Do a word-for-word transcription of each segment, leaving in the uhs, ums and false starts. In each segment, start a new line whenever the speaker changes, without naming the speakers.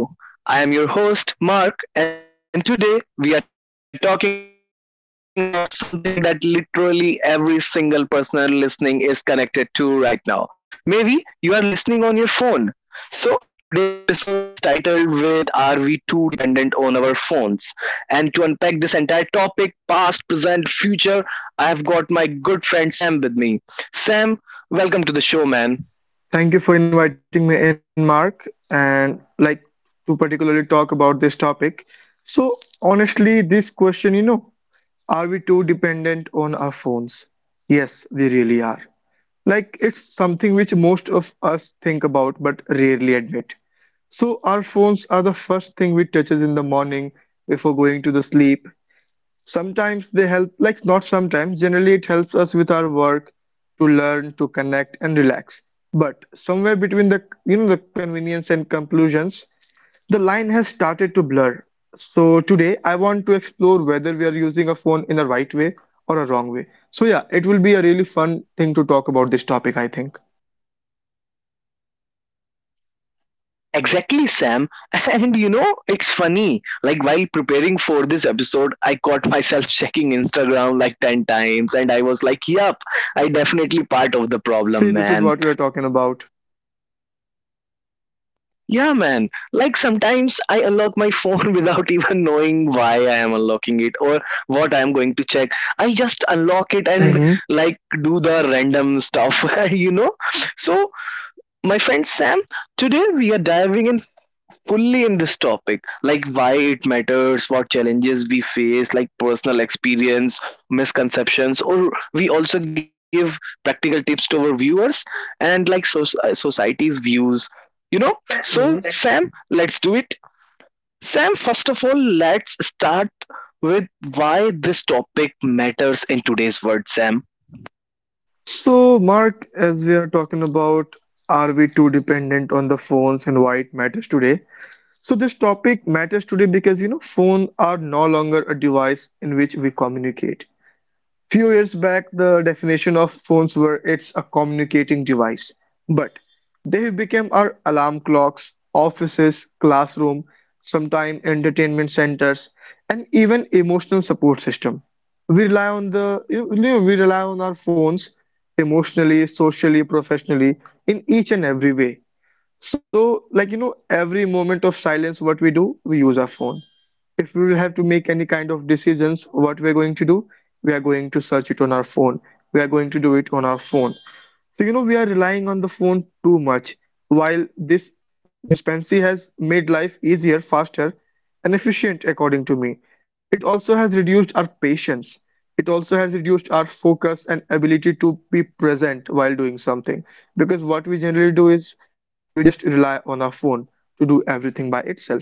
Hey everyone, welcome back to the show. I am your host Mark, and today we are talking about something that literally every single person listening is connected to right now. Maybe you are listening on your phone. So today's episode is titled with Are We Too Dependent on Our Phones? And to unpack this entire topic, past, present, future, I have got my good friend Sam with me. Sam, welcome to the show, man.
Thank you for inviting me in, Mark, and like to particularly talk about this topic. So, honestly, this question, you know, are we too dependent on our phones? Yes, really are. Like, it's something which most of us think about but rarely admit. So, our phones are the first thing we touches in the morning before going to the sleep. Sometimes they help, like not sometimes, generally it helps us with our work to learn, to connect and relax. But somewhere between the, you know, the convenience and conclusions, the line has started to blur. So today I want to explore whether we are using a phone in a right way or a wrong way. So yeah, it will be a really fun thing to talk about this topic, I think.
Exactly, Sam. And you know, it's funny. Like, while preparing for this episode, I caught myself checking Instagram like ten times, and I was like, yup, I definitely part of the
See,
problem,
this is
man.
what we are talking about.
Yeah, man. Like, sometimes I unlock my phone without even knowing why I am unlocking it or what I am going to check. I just unlock it
Right.
and,
Hmm.
like, do the random stuff, you know? So, my friend Sam, today we are diving in fully in this topic, like why it matters, what challenges we face, like personal experience, misconceptions, or we also give practical tips to our viewers, and like so- uh, society's views. you know so,
Hmm.
Sam, let's do it. Sam, first of all, let's start with why this topic matters in today's world, Sam.
So, Mark, as we are talking about, are we too dependent on the phones and why it matters today? So this topic matters today because you know phones are no longer a device in which we communicate. Few years back, the definition of phones were it's a communicating device, but they have become our alarm clocks, offices, classroom, sometime entertainment centers, and even emotional support system. We rely on the you know, we rely on our phones emotionally, socially, professionally in each and every way. So, like, you know, every moment of silence, what we do, we use our phone. If we will have to make any kind of decisions, what we're going to do, we are going to search it on our phone. We are going to do it on our phone. So, you know, we are relying on the phone too much. While this dispensary has made life easier, faster, and efficient, according to me, it also has reduced our patience. It also has reduced our focus and ability to be present while doing something. Because what we generally do is we just rely on our phone to do everything by itself.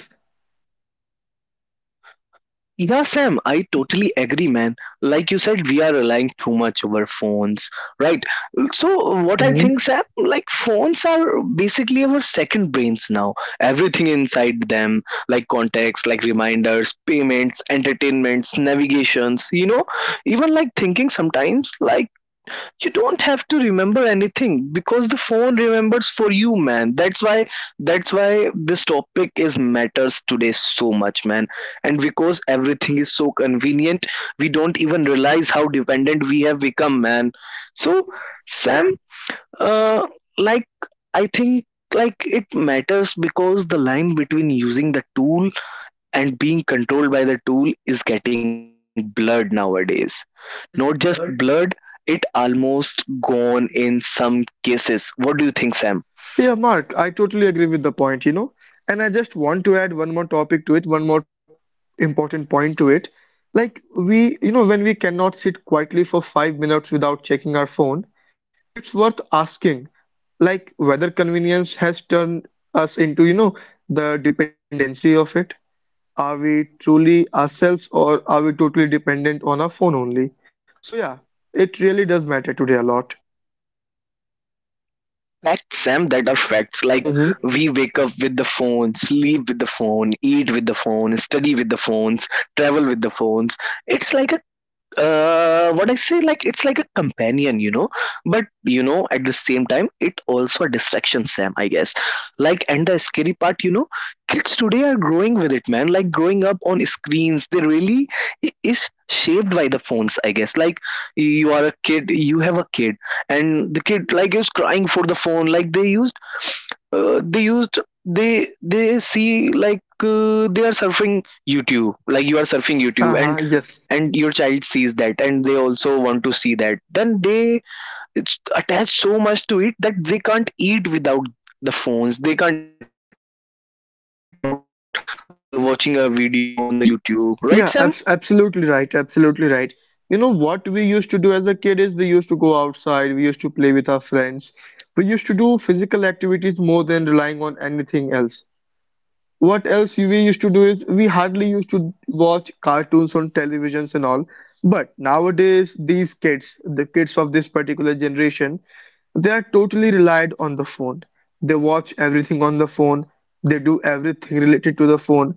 Yeah, Sam, I
Hmm.
totally agree, man. Like you said, we are relying too much over phones, right? So, what I think, Sam, like phones are basically our second brains now. Everything inside them, like contacts, like reminders, payments, entertainments, navigations, you know, even like thinking sometimes, like you don't have to remember anything because the phone remembers for you, man. That's why that's why this topic is matters today so much, man. And because everything is so convenient, we don't even realize how dependent we have become, man. So, Sam, uh like I think like it matters because the line between using the tool and being controlled by the tool is getting blurred nowadays. Not just blurred, it almost gone in some cases. What do you think, Sam?
Yeah, Mark, I totally agree with the point, you know. And I just want to add one more topic to it, one more important point to it. Like, we, you know, when we cannot sit quietly for five minutes without checking our phone, it's worth asking, like, whether convenience has turned us into, you know, the dependency of it. Are we truly ourselves or are we totally dependent on our phone only? So, yeah, it really does matter today a lot.
Facts, Sam, that are facts. Like,
Mm-hmm.
we wake up with the phone, sleep with the phone, eat with the phone, study with the phones, travel with the phones. It's like a, uh what I say, like, it's like a companion, you know. But you know, at the same time, it also a distraction, Sam, I guess. Like, and the scary part, you know, kids today are growing with it, man. Like, growing up on screens, they really i- is shaped by the phones, I guess. Like, you are a kid, you have a kid, and the kid like is crying for the phone. Like, they used uh, they used they they see, like, uh, they are surfing YouTube, like you are surfing YouTube,
Uh-huh,
and
yes.
and your child sees that, and they also want to see that, then they it's- attach so much to it that they can't eat without the phones, they can't eat without, uh, watching a video on the YouTube,
Yeah,
right,
abs
Sam?
absolutely right. Absolutely right. You know what we used to do as a kid is we used to go outside, we used to play with our friends. We used to do physical activities more than relying on anything else. What else we used to do is we hardly used to watch cartoons on televisions and all. But nowadays, these kids, the kids of this particular generation, they are totally relied on the phone. They watch everything phone. They do everything related to the phone.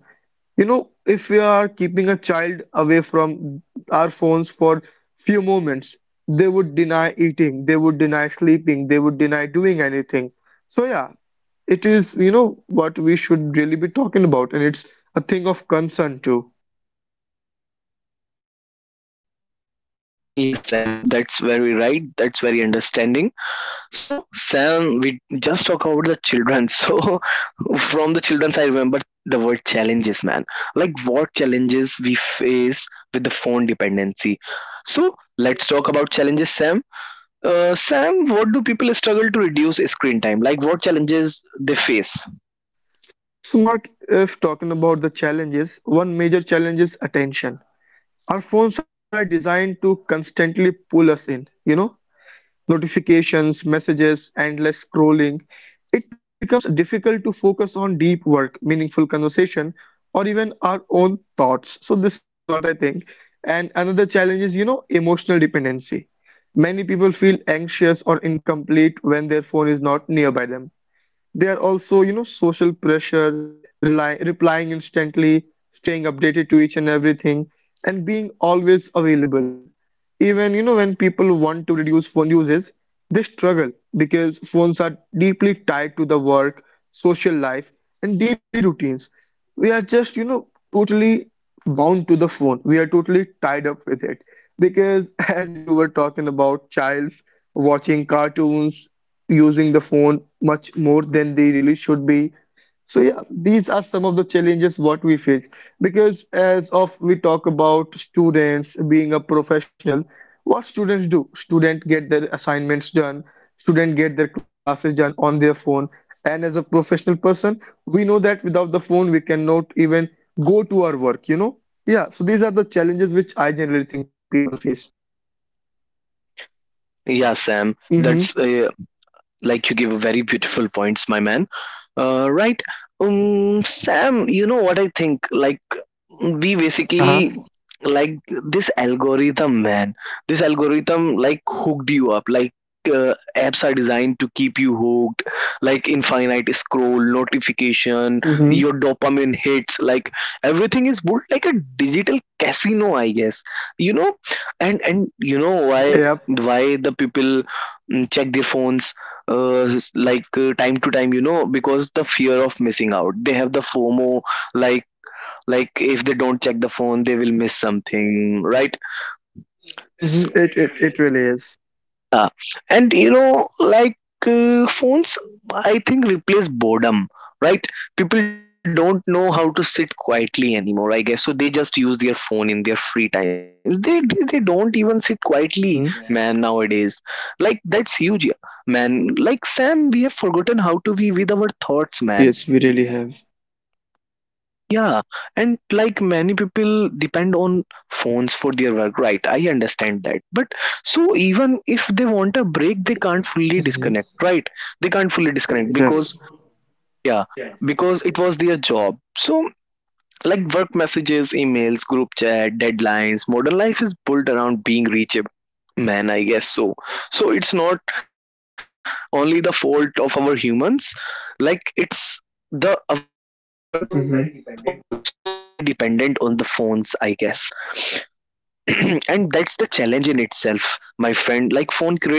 You know, if we are keeping a child away from our phones for few moments, they would deny eating, they would deny sleeping, they would deny doing anything. So yeah, it is, you know, what we should really be talking about, and it's a thing of concern too.
Yes, Sam, that's very right, that's very understanding. So, Sam, we just talk about the children. So, from the children's, I remember the word challenges, man. Like, what challenges we face with the phone dependency. So, let's talk about challenges, Sam. Uh, Sam, what do people struggle to reduce screen time? Like, what challenges they face?
So Mark, if talking about the challenges, one major challenge is attention. Our phones are designed to constantly pull us in, you know notifications, messages, endless scrolling. It becomes difficult to focus on deep work, meaningful conversation, or even our own thoughts. So, this is what I think. And another challenge is, you know, emotional dependency. Many people feel anxious or incomplete when their phone is not nearby them. There are also, you know, social pressure, rely, replying instantly, staying updated to each and everything, and being always available. Even you know when people want to reduce phone uses, they struggle because phones are deeply tied to the work, social life, and daily routines. We are just you know totally bound to the phone. We are totally tied up with it because as you were talking about childs watching cartoons, using the phone much more than they really should be. So yeah, these are some of the challenges what we face, because as of we talk about students being a professional, what students do? Student get their assignments done, student get their classes done on their phone. And as a professional person, we know that without the phone we cannot even go to our work, you know? Yeah, so these are the challenges which I generally think people face.
Yeah, Sam, that's,
Mm-hmm.
uh, like, you give a very beautiful points, my man. Uh, right. Um, Sam, you know what I think? Like, we basically,
Uh-huh.
like, this algorithm man this algorithm, like, hooked you up. Like, uh, apps are designed to keep you hooked, like infinite scroll, notification,
Mm-hmm.
your dopamine hits, like everything is built like a digital casino, I guess, you know. And and you know, why
Yep.
why the people, mm, check their phones, uh, s- like uh, time to time, you know, because the fear of missing out, they have the FOMO. Like like if they don't check the phone, they will miss something, right? S-
Mm-hmm. It
It
it
really
it
is.
really is.
uh, and you know, like, uh, phones, I think, replace boredom, right? People don't know how to sit quietly anymore, I guess. So they just use their phone in their free time. They they they don't even sit quietly, man,
Mhm.
nowadays. Like, that's huge, man. Like, Sam, we have forgotten how to be with our thoughts,
Yes,
man.
yes, we really have.
Yeah, and like many people depend on phones for their work, right? I understand that. But so even if they want a break, they can't fully
Mhm.
disconnect, right? They can't fully disconnect because,
Yes.
yeah, because it was their job. So, like work messages, emails, group chat, deadlines, modern life is built around being reachable. Man, I guess so. So it's not only the fault of our humans, like it's the our work was also very dependent
Mhm.
on the phones, I guess. And that's the challenge in itself, my friend. Like, phone creates a expectation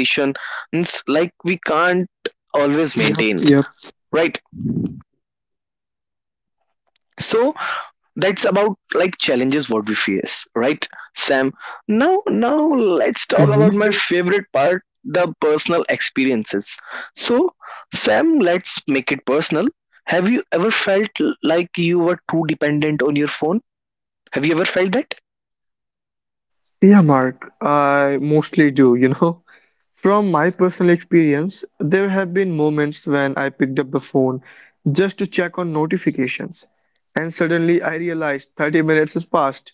like we can't always maintain,
Yep,
right?
yep.
So, that's about like challenges what we face, right, Sam? Now now let's talk about
Hmm.
my favorite part, the personal experiences. So, Sam, let's make it personal. Have you ever felt like you were too dependent on your phone? Have you ever felt that?
Yeah, Mark, I mostly do, you know. From my personal experience, there have been moments when I picked up the phone just to check on notifications, and suddenly I realized thirty minutes has passed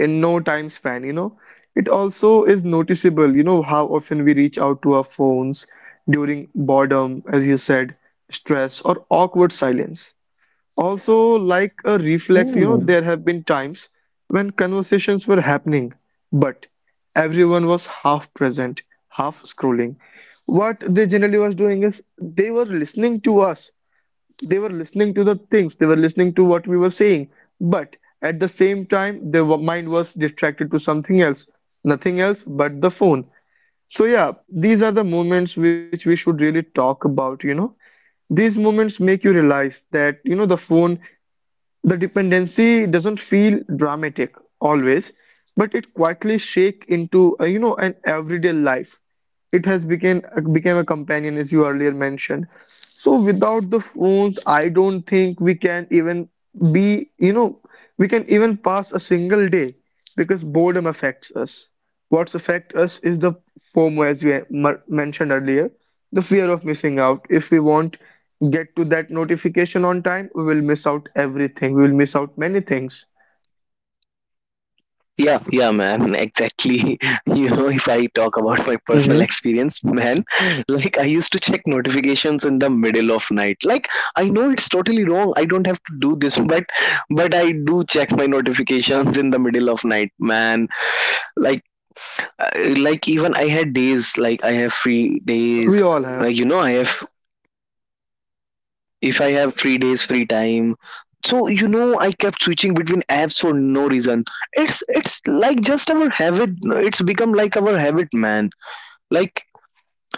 in no time span, you know. It also is noticeable, you know, how often we reach out to our phones during boredom, as you said, stress, or awkward silence. Also, like a reflex, you know, there have been times when conversations were happening, but everyone was half present, half scrolling. What they generally was doing is they were listening to us, they were listening to the things, they were listening to what we were saying, but at the same time, their mind was distracted to something else, nothing else but the phone. So, yeah, these are the moments which we should really talk about. You know these moments make you realize that you know the phone the dependency doesn't feel dramatic always, but it quietly shake into uh, you know an everyday life. It has become became a companion as you earlier mentioned. So without the phones, I don't think we can even be, you know, we can even pass a single day because boredom affects us. What's affect us is the FOMO, as we mer- mentioned earlier, the fear of missing out. If we won't get to that notification on time, we will miss out everything. We will miss out many things.
Yeah, yeah, man, exactly. You know, if I talk about my personal
Hmm.
experience, man, like I used to check notifications in the middle of night. Like, I know it's totally wrong. I don't have to do this, but but I do check my notifications in the middle of night, man. Like, uh, like, even I had days, like I have free days.
We all
Like,
have.
you know, I have, if I have three days free time. So, you know, I kept switching between apps for no reason. It's it's like just our habit. It's become like our habit, man. Like,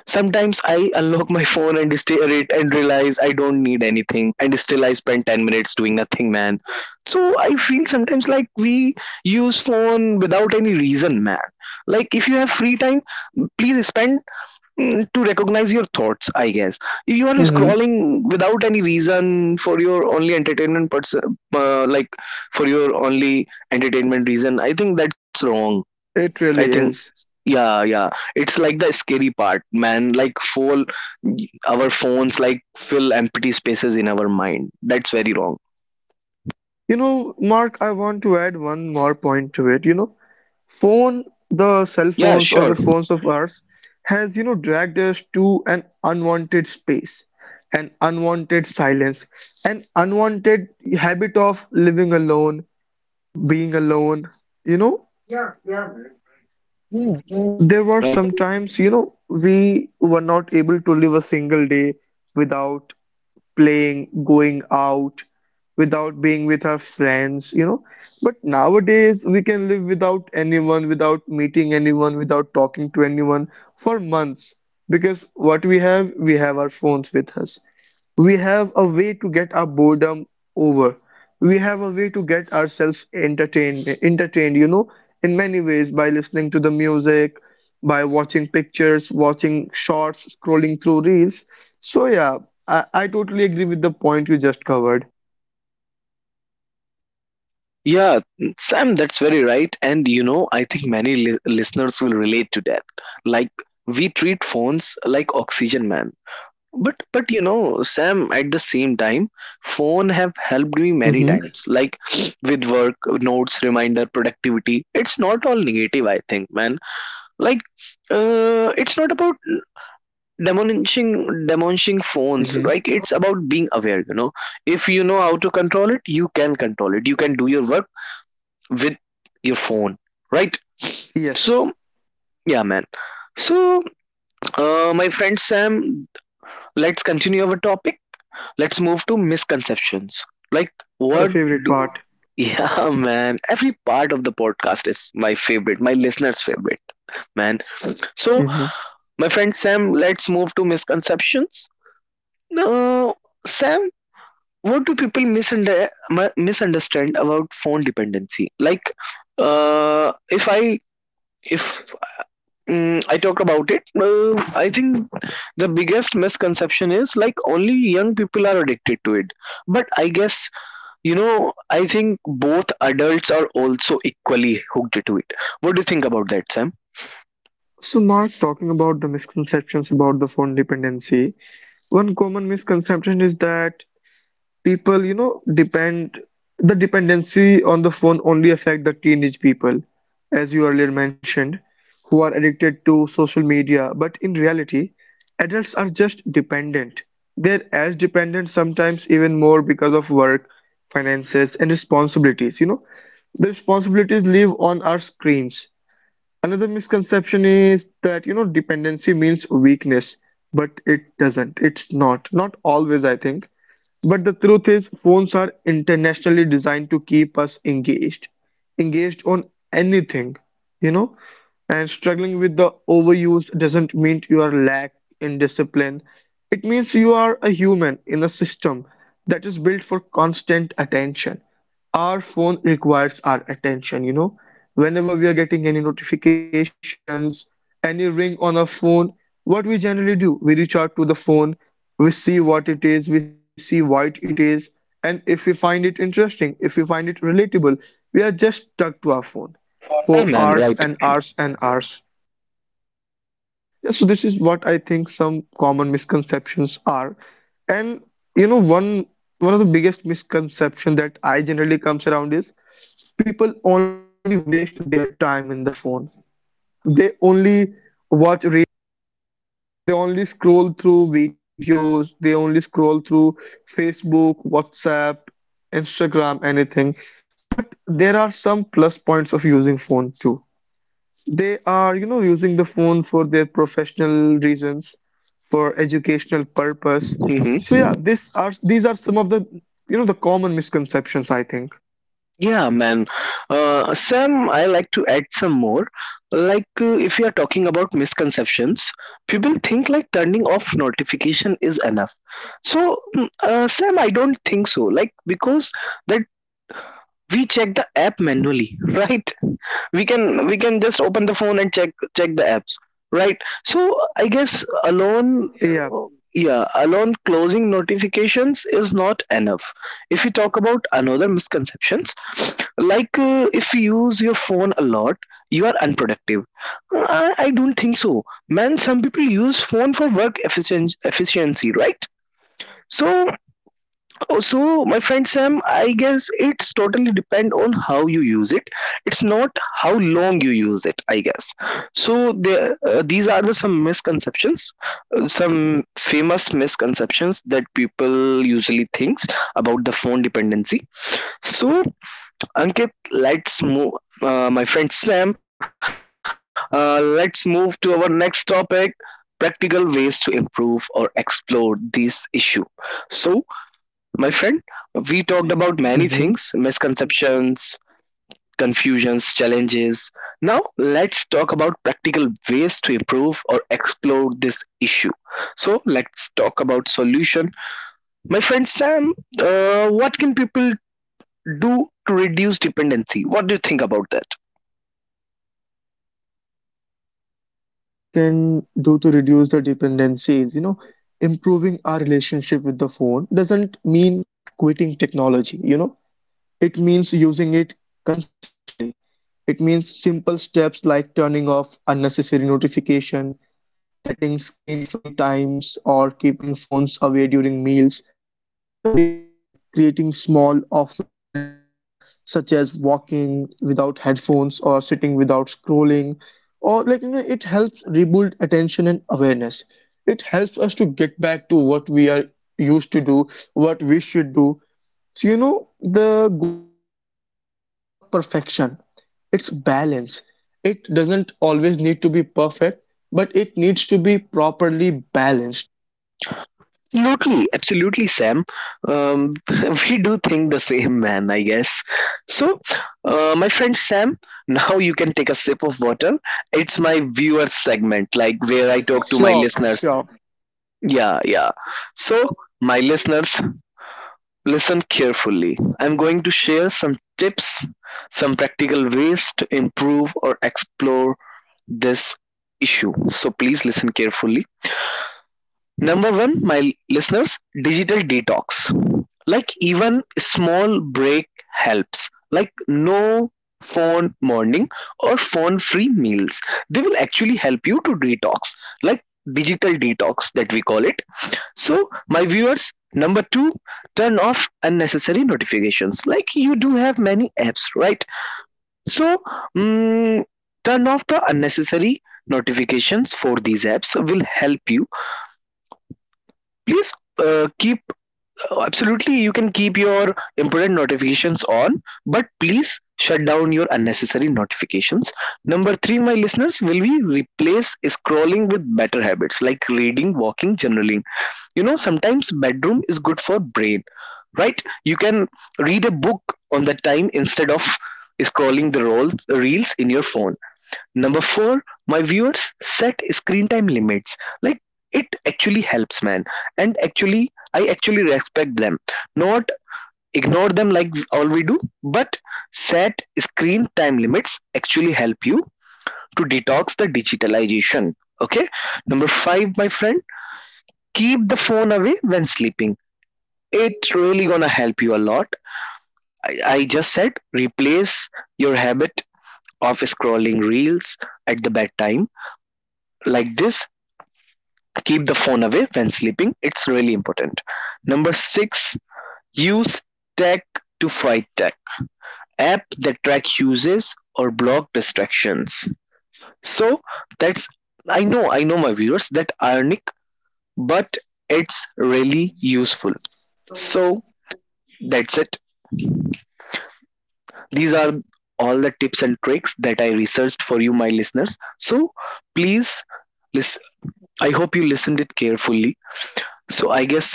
sometimes I unlock my phone and stare at it and realize I don't need anything, and still I spend ten minutes doing nothing, man. So, I feel sometimes like we use phone without any reason, man. Like, if you have free time, please spend, Mm, to recognize your thoughts, I guess. If you are
Hmm.
scrolling without any reason, for your only entertainment person uh, like for your only entertainment reason, I think that's wrong,
It
I
really
think.
is.
Yeah, yeah, it's like the scary part, man. Like, full our phones like fill empty spaces in our mind, that's very wrong.
You know, Mark, I want to add one more point to it. You know, phone the cell
Yeah,
phones or the
sure,
phones of ours has you know dragged us to an unwanted space, an unwanted silence, an unwanted habit of living alone, being alone. you know
right.
there were some times, you know, we were not able to live a single day without playing, going out, without being with our friends, you know. But nowadays, we can live without anyone, without meeting anyone, without talking to anyone for months, because what we have, we have our phones with us. We have a way to get our boredom over. We have a way to get ourselves entertained, entertained, you know, in many ways by listening to the music, by watching pictures, watching shorts, scrolling through reels. So yeah, I, I totally agree with the point you just covered.
Yeah, Sam, that's very right. And you know, I think many li- listeners will relate to that. Like, we treat phones like oxygen, man. But but you know, Sam, at the same time, phone have helped me many
Mm-hmm.
times. Like, with work, notes, reminder, productivity. It's not all negative, I think, man. Like, uh, it's not about demolishing demolishing phones, right? It's about being aware, you know. If you know how to control it, you can control it. You can do your work with your phone, right?
Yes,
So, yeah, man. So, uh, my friend Sam, let's continue our topic. Let's move to misconceptions. Like,
the
what
favorite
do...
part.
Yeah, man, every part of the podcast is my favorite, my listeners favorite, man. So, my friend Sam, let's move to misconceptions. uh, Sam, what do people misunder- mi- misunderstand about phone dependency? Like, uh, if I if Mm, I talked about it. Uh, I think the biggest misconception is like only young people are addicted to it. But I guess, you know, I think both adults are also equally hooked to it. What do you think about that, Sam?
So, Mark, talking about the misconceptions about the phone dependency, one common misconception is that people you know depend the dependency on the phone only affect the teenage people, as you earlier mentioned, who are addicted to social media, but in reality, adults are just dependent. They're as dependent, sometimes even more, because of work, finances, and responsibilities you know The responsibilities live on our screens. Another misconception is that, you know, dependency means weakness, but it doesn't. It's not. Not always, I think. But the truth is, phones are internationally designed to keep us engaged, engaged on anything, you know. And struggling with the overuse doesn't mean you are lack in discipline. It means you are a human in a system that is built for constant attention. Our phone requires our attention, you know. Whenever we are getting any notifications, any ring on our phone, what we generally do, we reach out to the phone, we see what it is, we see what it is, and if we find it interesting, if we find it relatable, we are just stuck to our phone
Yeah,
for
man, right.
hours and hours and hours. Yeah, so this is what I think some common misconceptions are. And you know, one one of the biggest misconception that I generally comes around is people only waste their time in the phone. They only watch re- they only scroll through videos, they only scroll through Facebook, WhatsApp, Instagram, anything. But there are some plus points of using phone too. They are, you know, using the phone for their professional reasons, for educational purpose.
Hmm.
So yeah, this are these are some of the, you know, the common misconceptions, I think.
Yeah, man. Uh, Sam, I like to add some more. Like, uh, if you are talking about misconceptions, people think like turning off notification is enough. So, mm, uh, Sam, I don't think so. Like, because that we check the app manually, right? We can we can just open the phone and check check the apps, right? So, I guess alone,
Yeah.
yeah, alone closing notifications is not enough. If we talk about another misconceptions, like, uh, if you use your phone a lot, you are unproductive. I, I don't think so, man, some people use phone for work efficien- efficiency, right? So, oh, so my friend Sam, I guess it's totally depend on how you use it. It's not how long you use it, I guess. So there, uh, these are the some misconceptions, uh, some famous misconceptions that people usually thinks about the phone dependency. So, Ankit, let's move. Uh, my friend Sam, uh, let's move to our next topic: practical ways to improve or explore this issue. So, my friend, we talked about many things,
Mhm.
misconceptions, confusions, challenges. Now, let's talk about practical ways to improve or explore this issue. So, let's talk about solution. My friend Sam, uh, what can people do to reduce dependency? What do you think about that?
So, Mark, what I think people can do to reduce the dependency is, you know, improving our relationship with the phone doesn't mean quitting technology, you know, it means using it consciously. It means simple steps like turning off unnecessary notification, setting screen-free times, or keeping phones away during meals make a big difference. Like creating small offline moments such as walking without headphones or sitting without scrolling or like you know it helps rebuild attention and awareness. It helps us to get back to what we are used to do, what we should do. So you know the goal isn't a perfection. It's balance. It doesn't always need to be perfect, but it needs to be properly balanced.
Absolutely, absolutely, Sam. Um, we do think the same, man, I guess. So, uh, my friend Sam, now you can take a sip of water. It's my viewer segment, like where I talk to my
Sure, man,
listeners.
sure.
Yeah, yeah. So, my listeners, listen carefully. I'm going to share some tips, some practical ways to improve or explore this issue. So, please listen carefully. Number one, my listeners, digital detox. Like even small break helps, like no phone morning or phone free meals, they will actually help you to detox, like digital detox that we call it. So, my viewers, number two, turn off unnecessary notifications. Like you do have many apps, right? So mm, turn off the unnecessary notifications for these apps will help you. Please uh, keep. Oh, absolutely. You can keep your important notifications on, but please shut down your unnecessary notifications. Number three, my listeners, will we replace scrolling with better habits like reading, walking, journaling? You know, sometimes bedroom is good for brain, right? You can read a book on the time instead of scrolling the rolls, reels in your phone. Number four, my viewers, set screen time limits. Like, it actually helps, man. And actually, I actually respect them. Not ignore them like all we do, but set screen time limits actually help you to detox the digitalization. Okay. Number five, my friend, keep the phone away when sleeping. It really gonna help you a lot. I just said replace your habit of scrolling reels at the bedtime, like this. Keep the phone away when sleeping, it's really important. Number six, use tech to fight tech, app that track uses or block distractions. So that's, i know i know my viewers, that ironic, but it's really useful. So that's it. These are all the tips and tricks that I researched for you, my listeners. So please listen, I hope you listened it carefully. So I guess,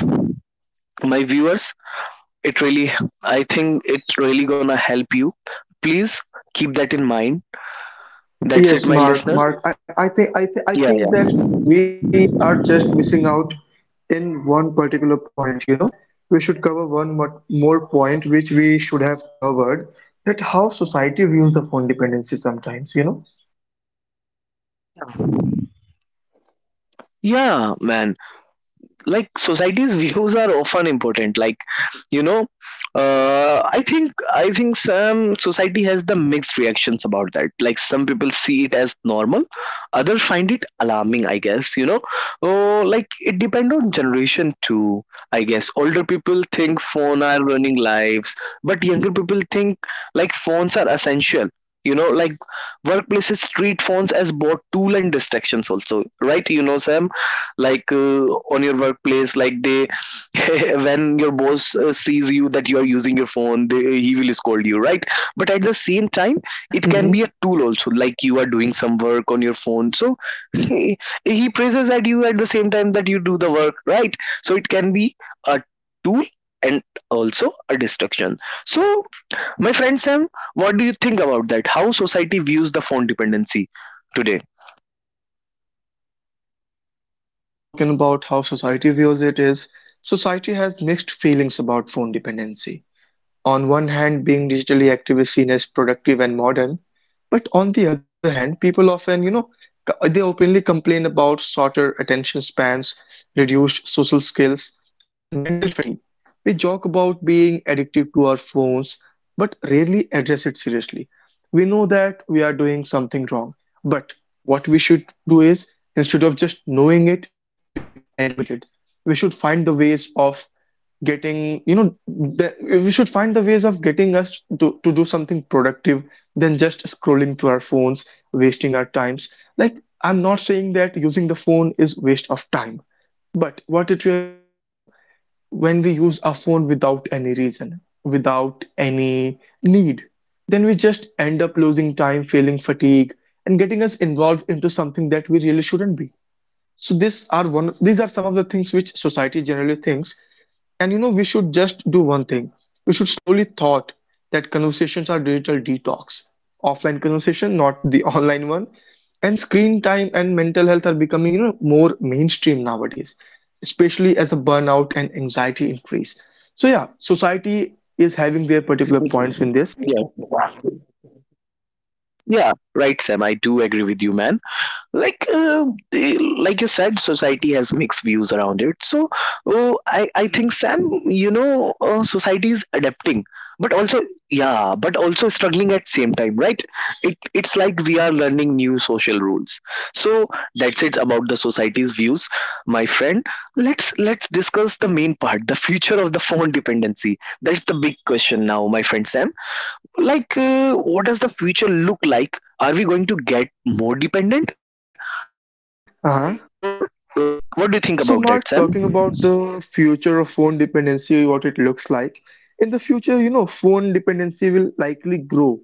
my viewers, it really, I think it's really gonna help you. Please keep that in mind. That's it, my listeners.
Yes, Mark. Mark, I, I
Yeah,
think I, th
yeah.
I think that we are just missing out in one particular point, you know. We should cover one mo- more point which we should have covered, that how society views the phone dependency sometimes, you know.
Yeah, man. Like society's views are often important, like, you know, uh, i think i think some society has the mixed reactions about that. Like some people see it as normal, others find it alarming, I guess, you know. Oh, like it depends on generation too, I guess. Older people think phone are running lives, but younger people think like phones are essential, you know. Like workplaces treat phones as both tool and distractions also, right, you know, Sam? Like, uh, on your workplace, like they when your boss uh, sees you that you are using your phone, they, he will scold you, right? But at the same time, it can
Hmm.
be a tool also, like you are doing some work on your phone, so he, he praises at you at the same time that you do the work, right? So it can be a tool and also a distraction. So, my friend Sam, what do you think about that, how society views the phone dependency today?
So, Mark, if we are talking about how society views it is, society has mixed feelings about phone dependency. On one hand, being digitally active is seen as productive and modern, but on the other hand, people often, you know, co- they openly complain about shorter attention spans, reduced social skills, and mental fatigue. We joke about being addicted to our phones, but rarely address it seriously. We know that we are doing something wrong, but what we should do is instead of just knowing it, we should admit it. We should find the ways of getting you know the, we should find the ways of getting us to, to do something productive than just scrolling through our phones wasting our times. Like, I'm not saying that using the phone is waste of time, but what it really is is you know, when we use our phone without any reason, without any need, then we just end up losing time, feeling fatigue, and getting us involved into something that we really shouldn't be. So these are one, these are some of the things which society generally thinks. And you know, we should just do one thing. We should slowly thought that conversations are digital detox. Offline conversation, not the online one. And screen time and mental health are becoming, you know, more mainstream nowadays, especially as a burnout and anxiety increase. So yeah, society is having their particular points
Yeah.
in this.
Yeah, right, Sam. I do agree with you, man. Like, uh, the- like you said, society has mixed views around it. So, oh, I, I think, Sam, you know, uh, society is adapting, but also, yeah, but also struggling at same time, right? It, it's like we are learning new social rules. So that's it about the society's views, my friend. Let's let's discuss the main part, the future of the phone dependency. That's the big question now, my friend Sam. Like, uh, what does the future look like, are we going to get more dependent or
Uh-huh.
like what do you think about that, Sam?
So, Mark, talking about the future of phone dependency, what it looks like. In the future, you know, phone dependency will likely grow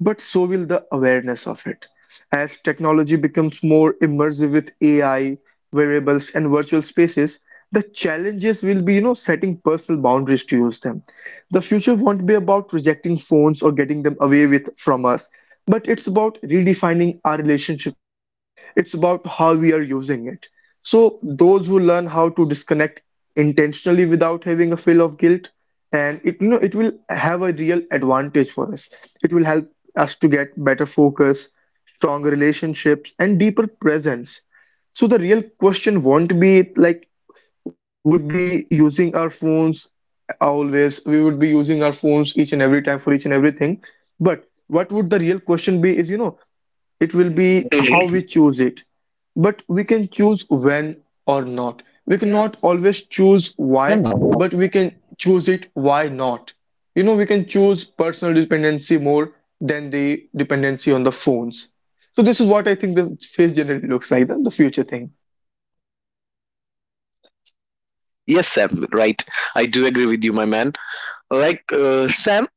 but so will the awareness of it. As technology becomes more immersive with A I, wearables, and virtual spaces, the challenges will be, you know, setting personal boundaries to use them. The future won't be about rejecting phones or getting them away with from us, but it's about redefining our relationship with them. It's about how we are using it. So those who learn how to disconnect intentionally without having a feel of guilt, and it you know it will have a real advantage for us. It will help us to get better focus, stronger relationships, and deeper presence. So the real question won't be like would be using our phones always. We would be using our phones each and every time for each and everything. But what would the real question be is, you know, it will be how we
Really?
choose it, but we can choose when or not, we cannot always choose
Wow.
why, but we can choose it why not. You know, we can choose personal dependency more than the dependency on the phones. So this is what I think the face generally looks like, the, the future thing.
Yes, Sam, right. I do agree with you, my man. Like, uh, Sam,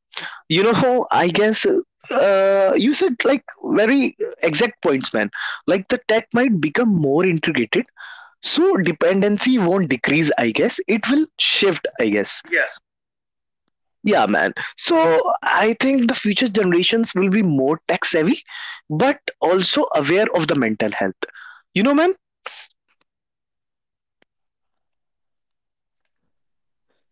you know how I guess uh, you said like very exact points, man. Like, the tech might become more integrated, so dependency won't decrease, I guess. It will shift, I guess. Yeah, man. So I think the future generations will be more tech savvy, but also aware of the mental health. You know, man?
Yes, yes, my friend.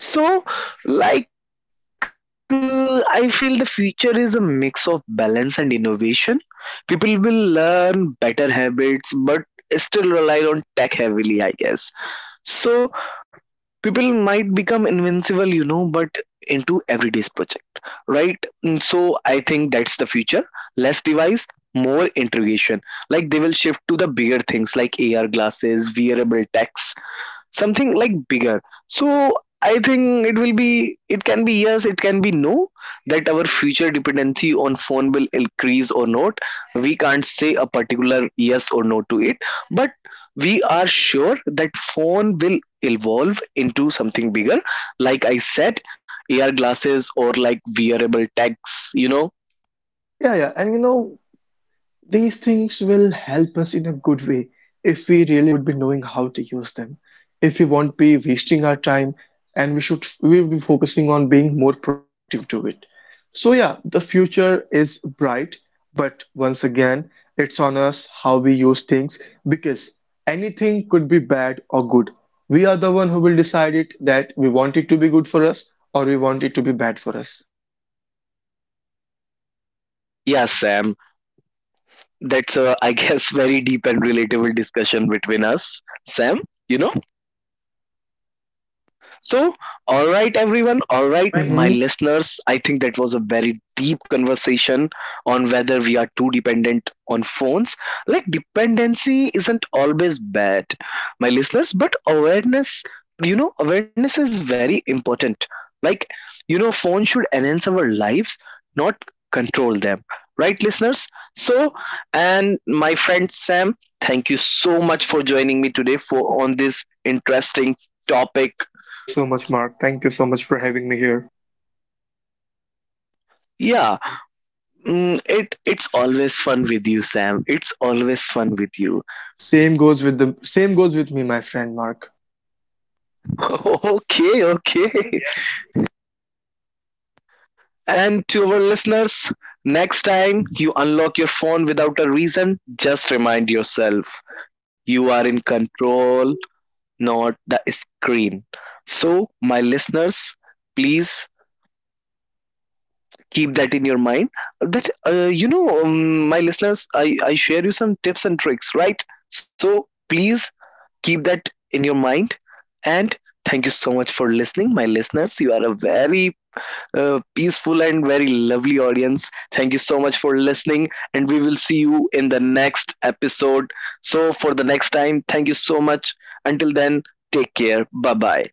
So, like, uh, I feel the future is a mix of balance and innovation. People will learn better habits, but still rely on tech heavily, I guess. So, people might become invincible, you know, but into everyday's project, right? Mm, So I think that's the future. Less device, more integration. Like they will shift to the bigger things like A R glasses, wearable tech, something like bigger. So I think it will be, it can be yes, it can be no, that our future dependency on phone will increase or not. We can't say a particular yes or no to it, but we are sure that phone will evolve into something bigger, like I said, AR glasses or like wearable tags, you know.
Yeah, yeah, and you know these things will help us in a good way if we really would be knowing how to use them. If we won't be wasting our time and we should we will be focusing on being more productive to it. So yeah, the future is bright, but once again, it's on us how we use things because anything could be bad or good. We are the one who will decide it that we want it to be good for us or we want it to be bad for us.
Yeah, Sam, that's a, I guess very deep and relatable discussion between us, Sam, you know. So, all right, everyone, all
All
right,
right.
my
Hmm.
listeners, I think that was a very deep conversation on whether we are too dependent on phones. Like, dependency isn't always bad, my listeners, but awareness, you know, awareness is very important. Like, you know, phone should enhance our lives, not control them. Right, listeners? So, and my friend Sam, thank you so much for joining me today for on this interesting topic.
Thank you so much, Mark. Thank you so much for having me here.
Yeah, Mm, it it's always fun with you, Sam. It's always fun with you.
Same goes with the same goes with me, my friend Mark.
Okay, okay.
Yes,
And to our listeners, next time you unlock your phone without a reason, just remind yourself you are in control, not the screen. So, my listeners, please keep that in your mind. That uh, you know, um, my listeners, I I share you some tips and tricks, right? So please keep that in your mind, and thank you so much for listening, my listeners. You are a very uh, peaceful and very lovely audience. Thank you so much for listening, and we will see you in the next episode. So for the next time, thank you so much. Until then, take care, bye bye.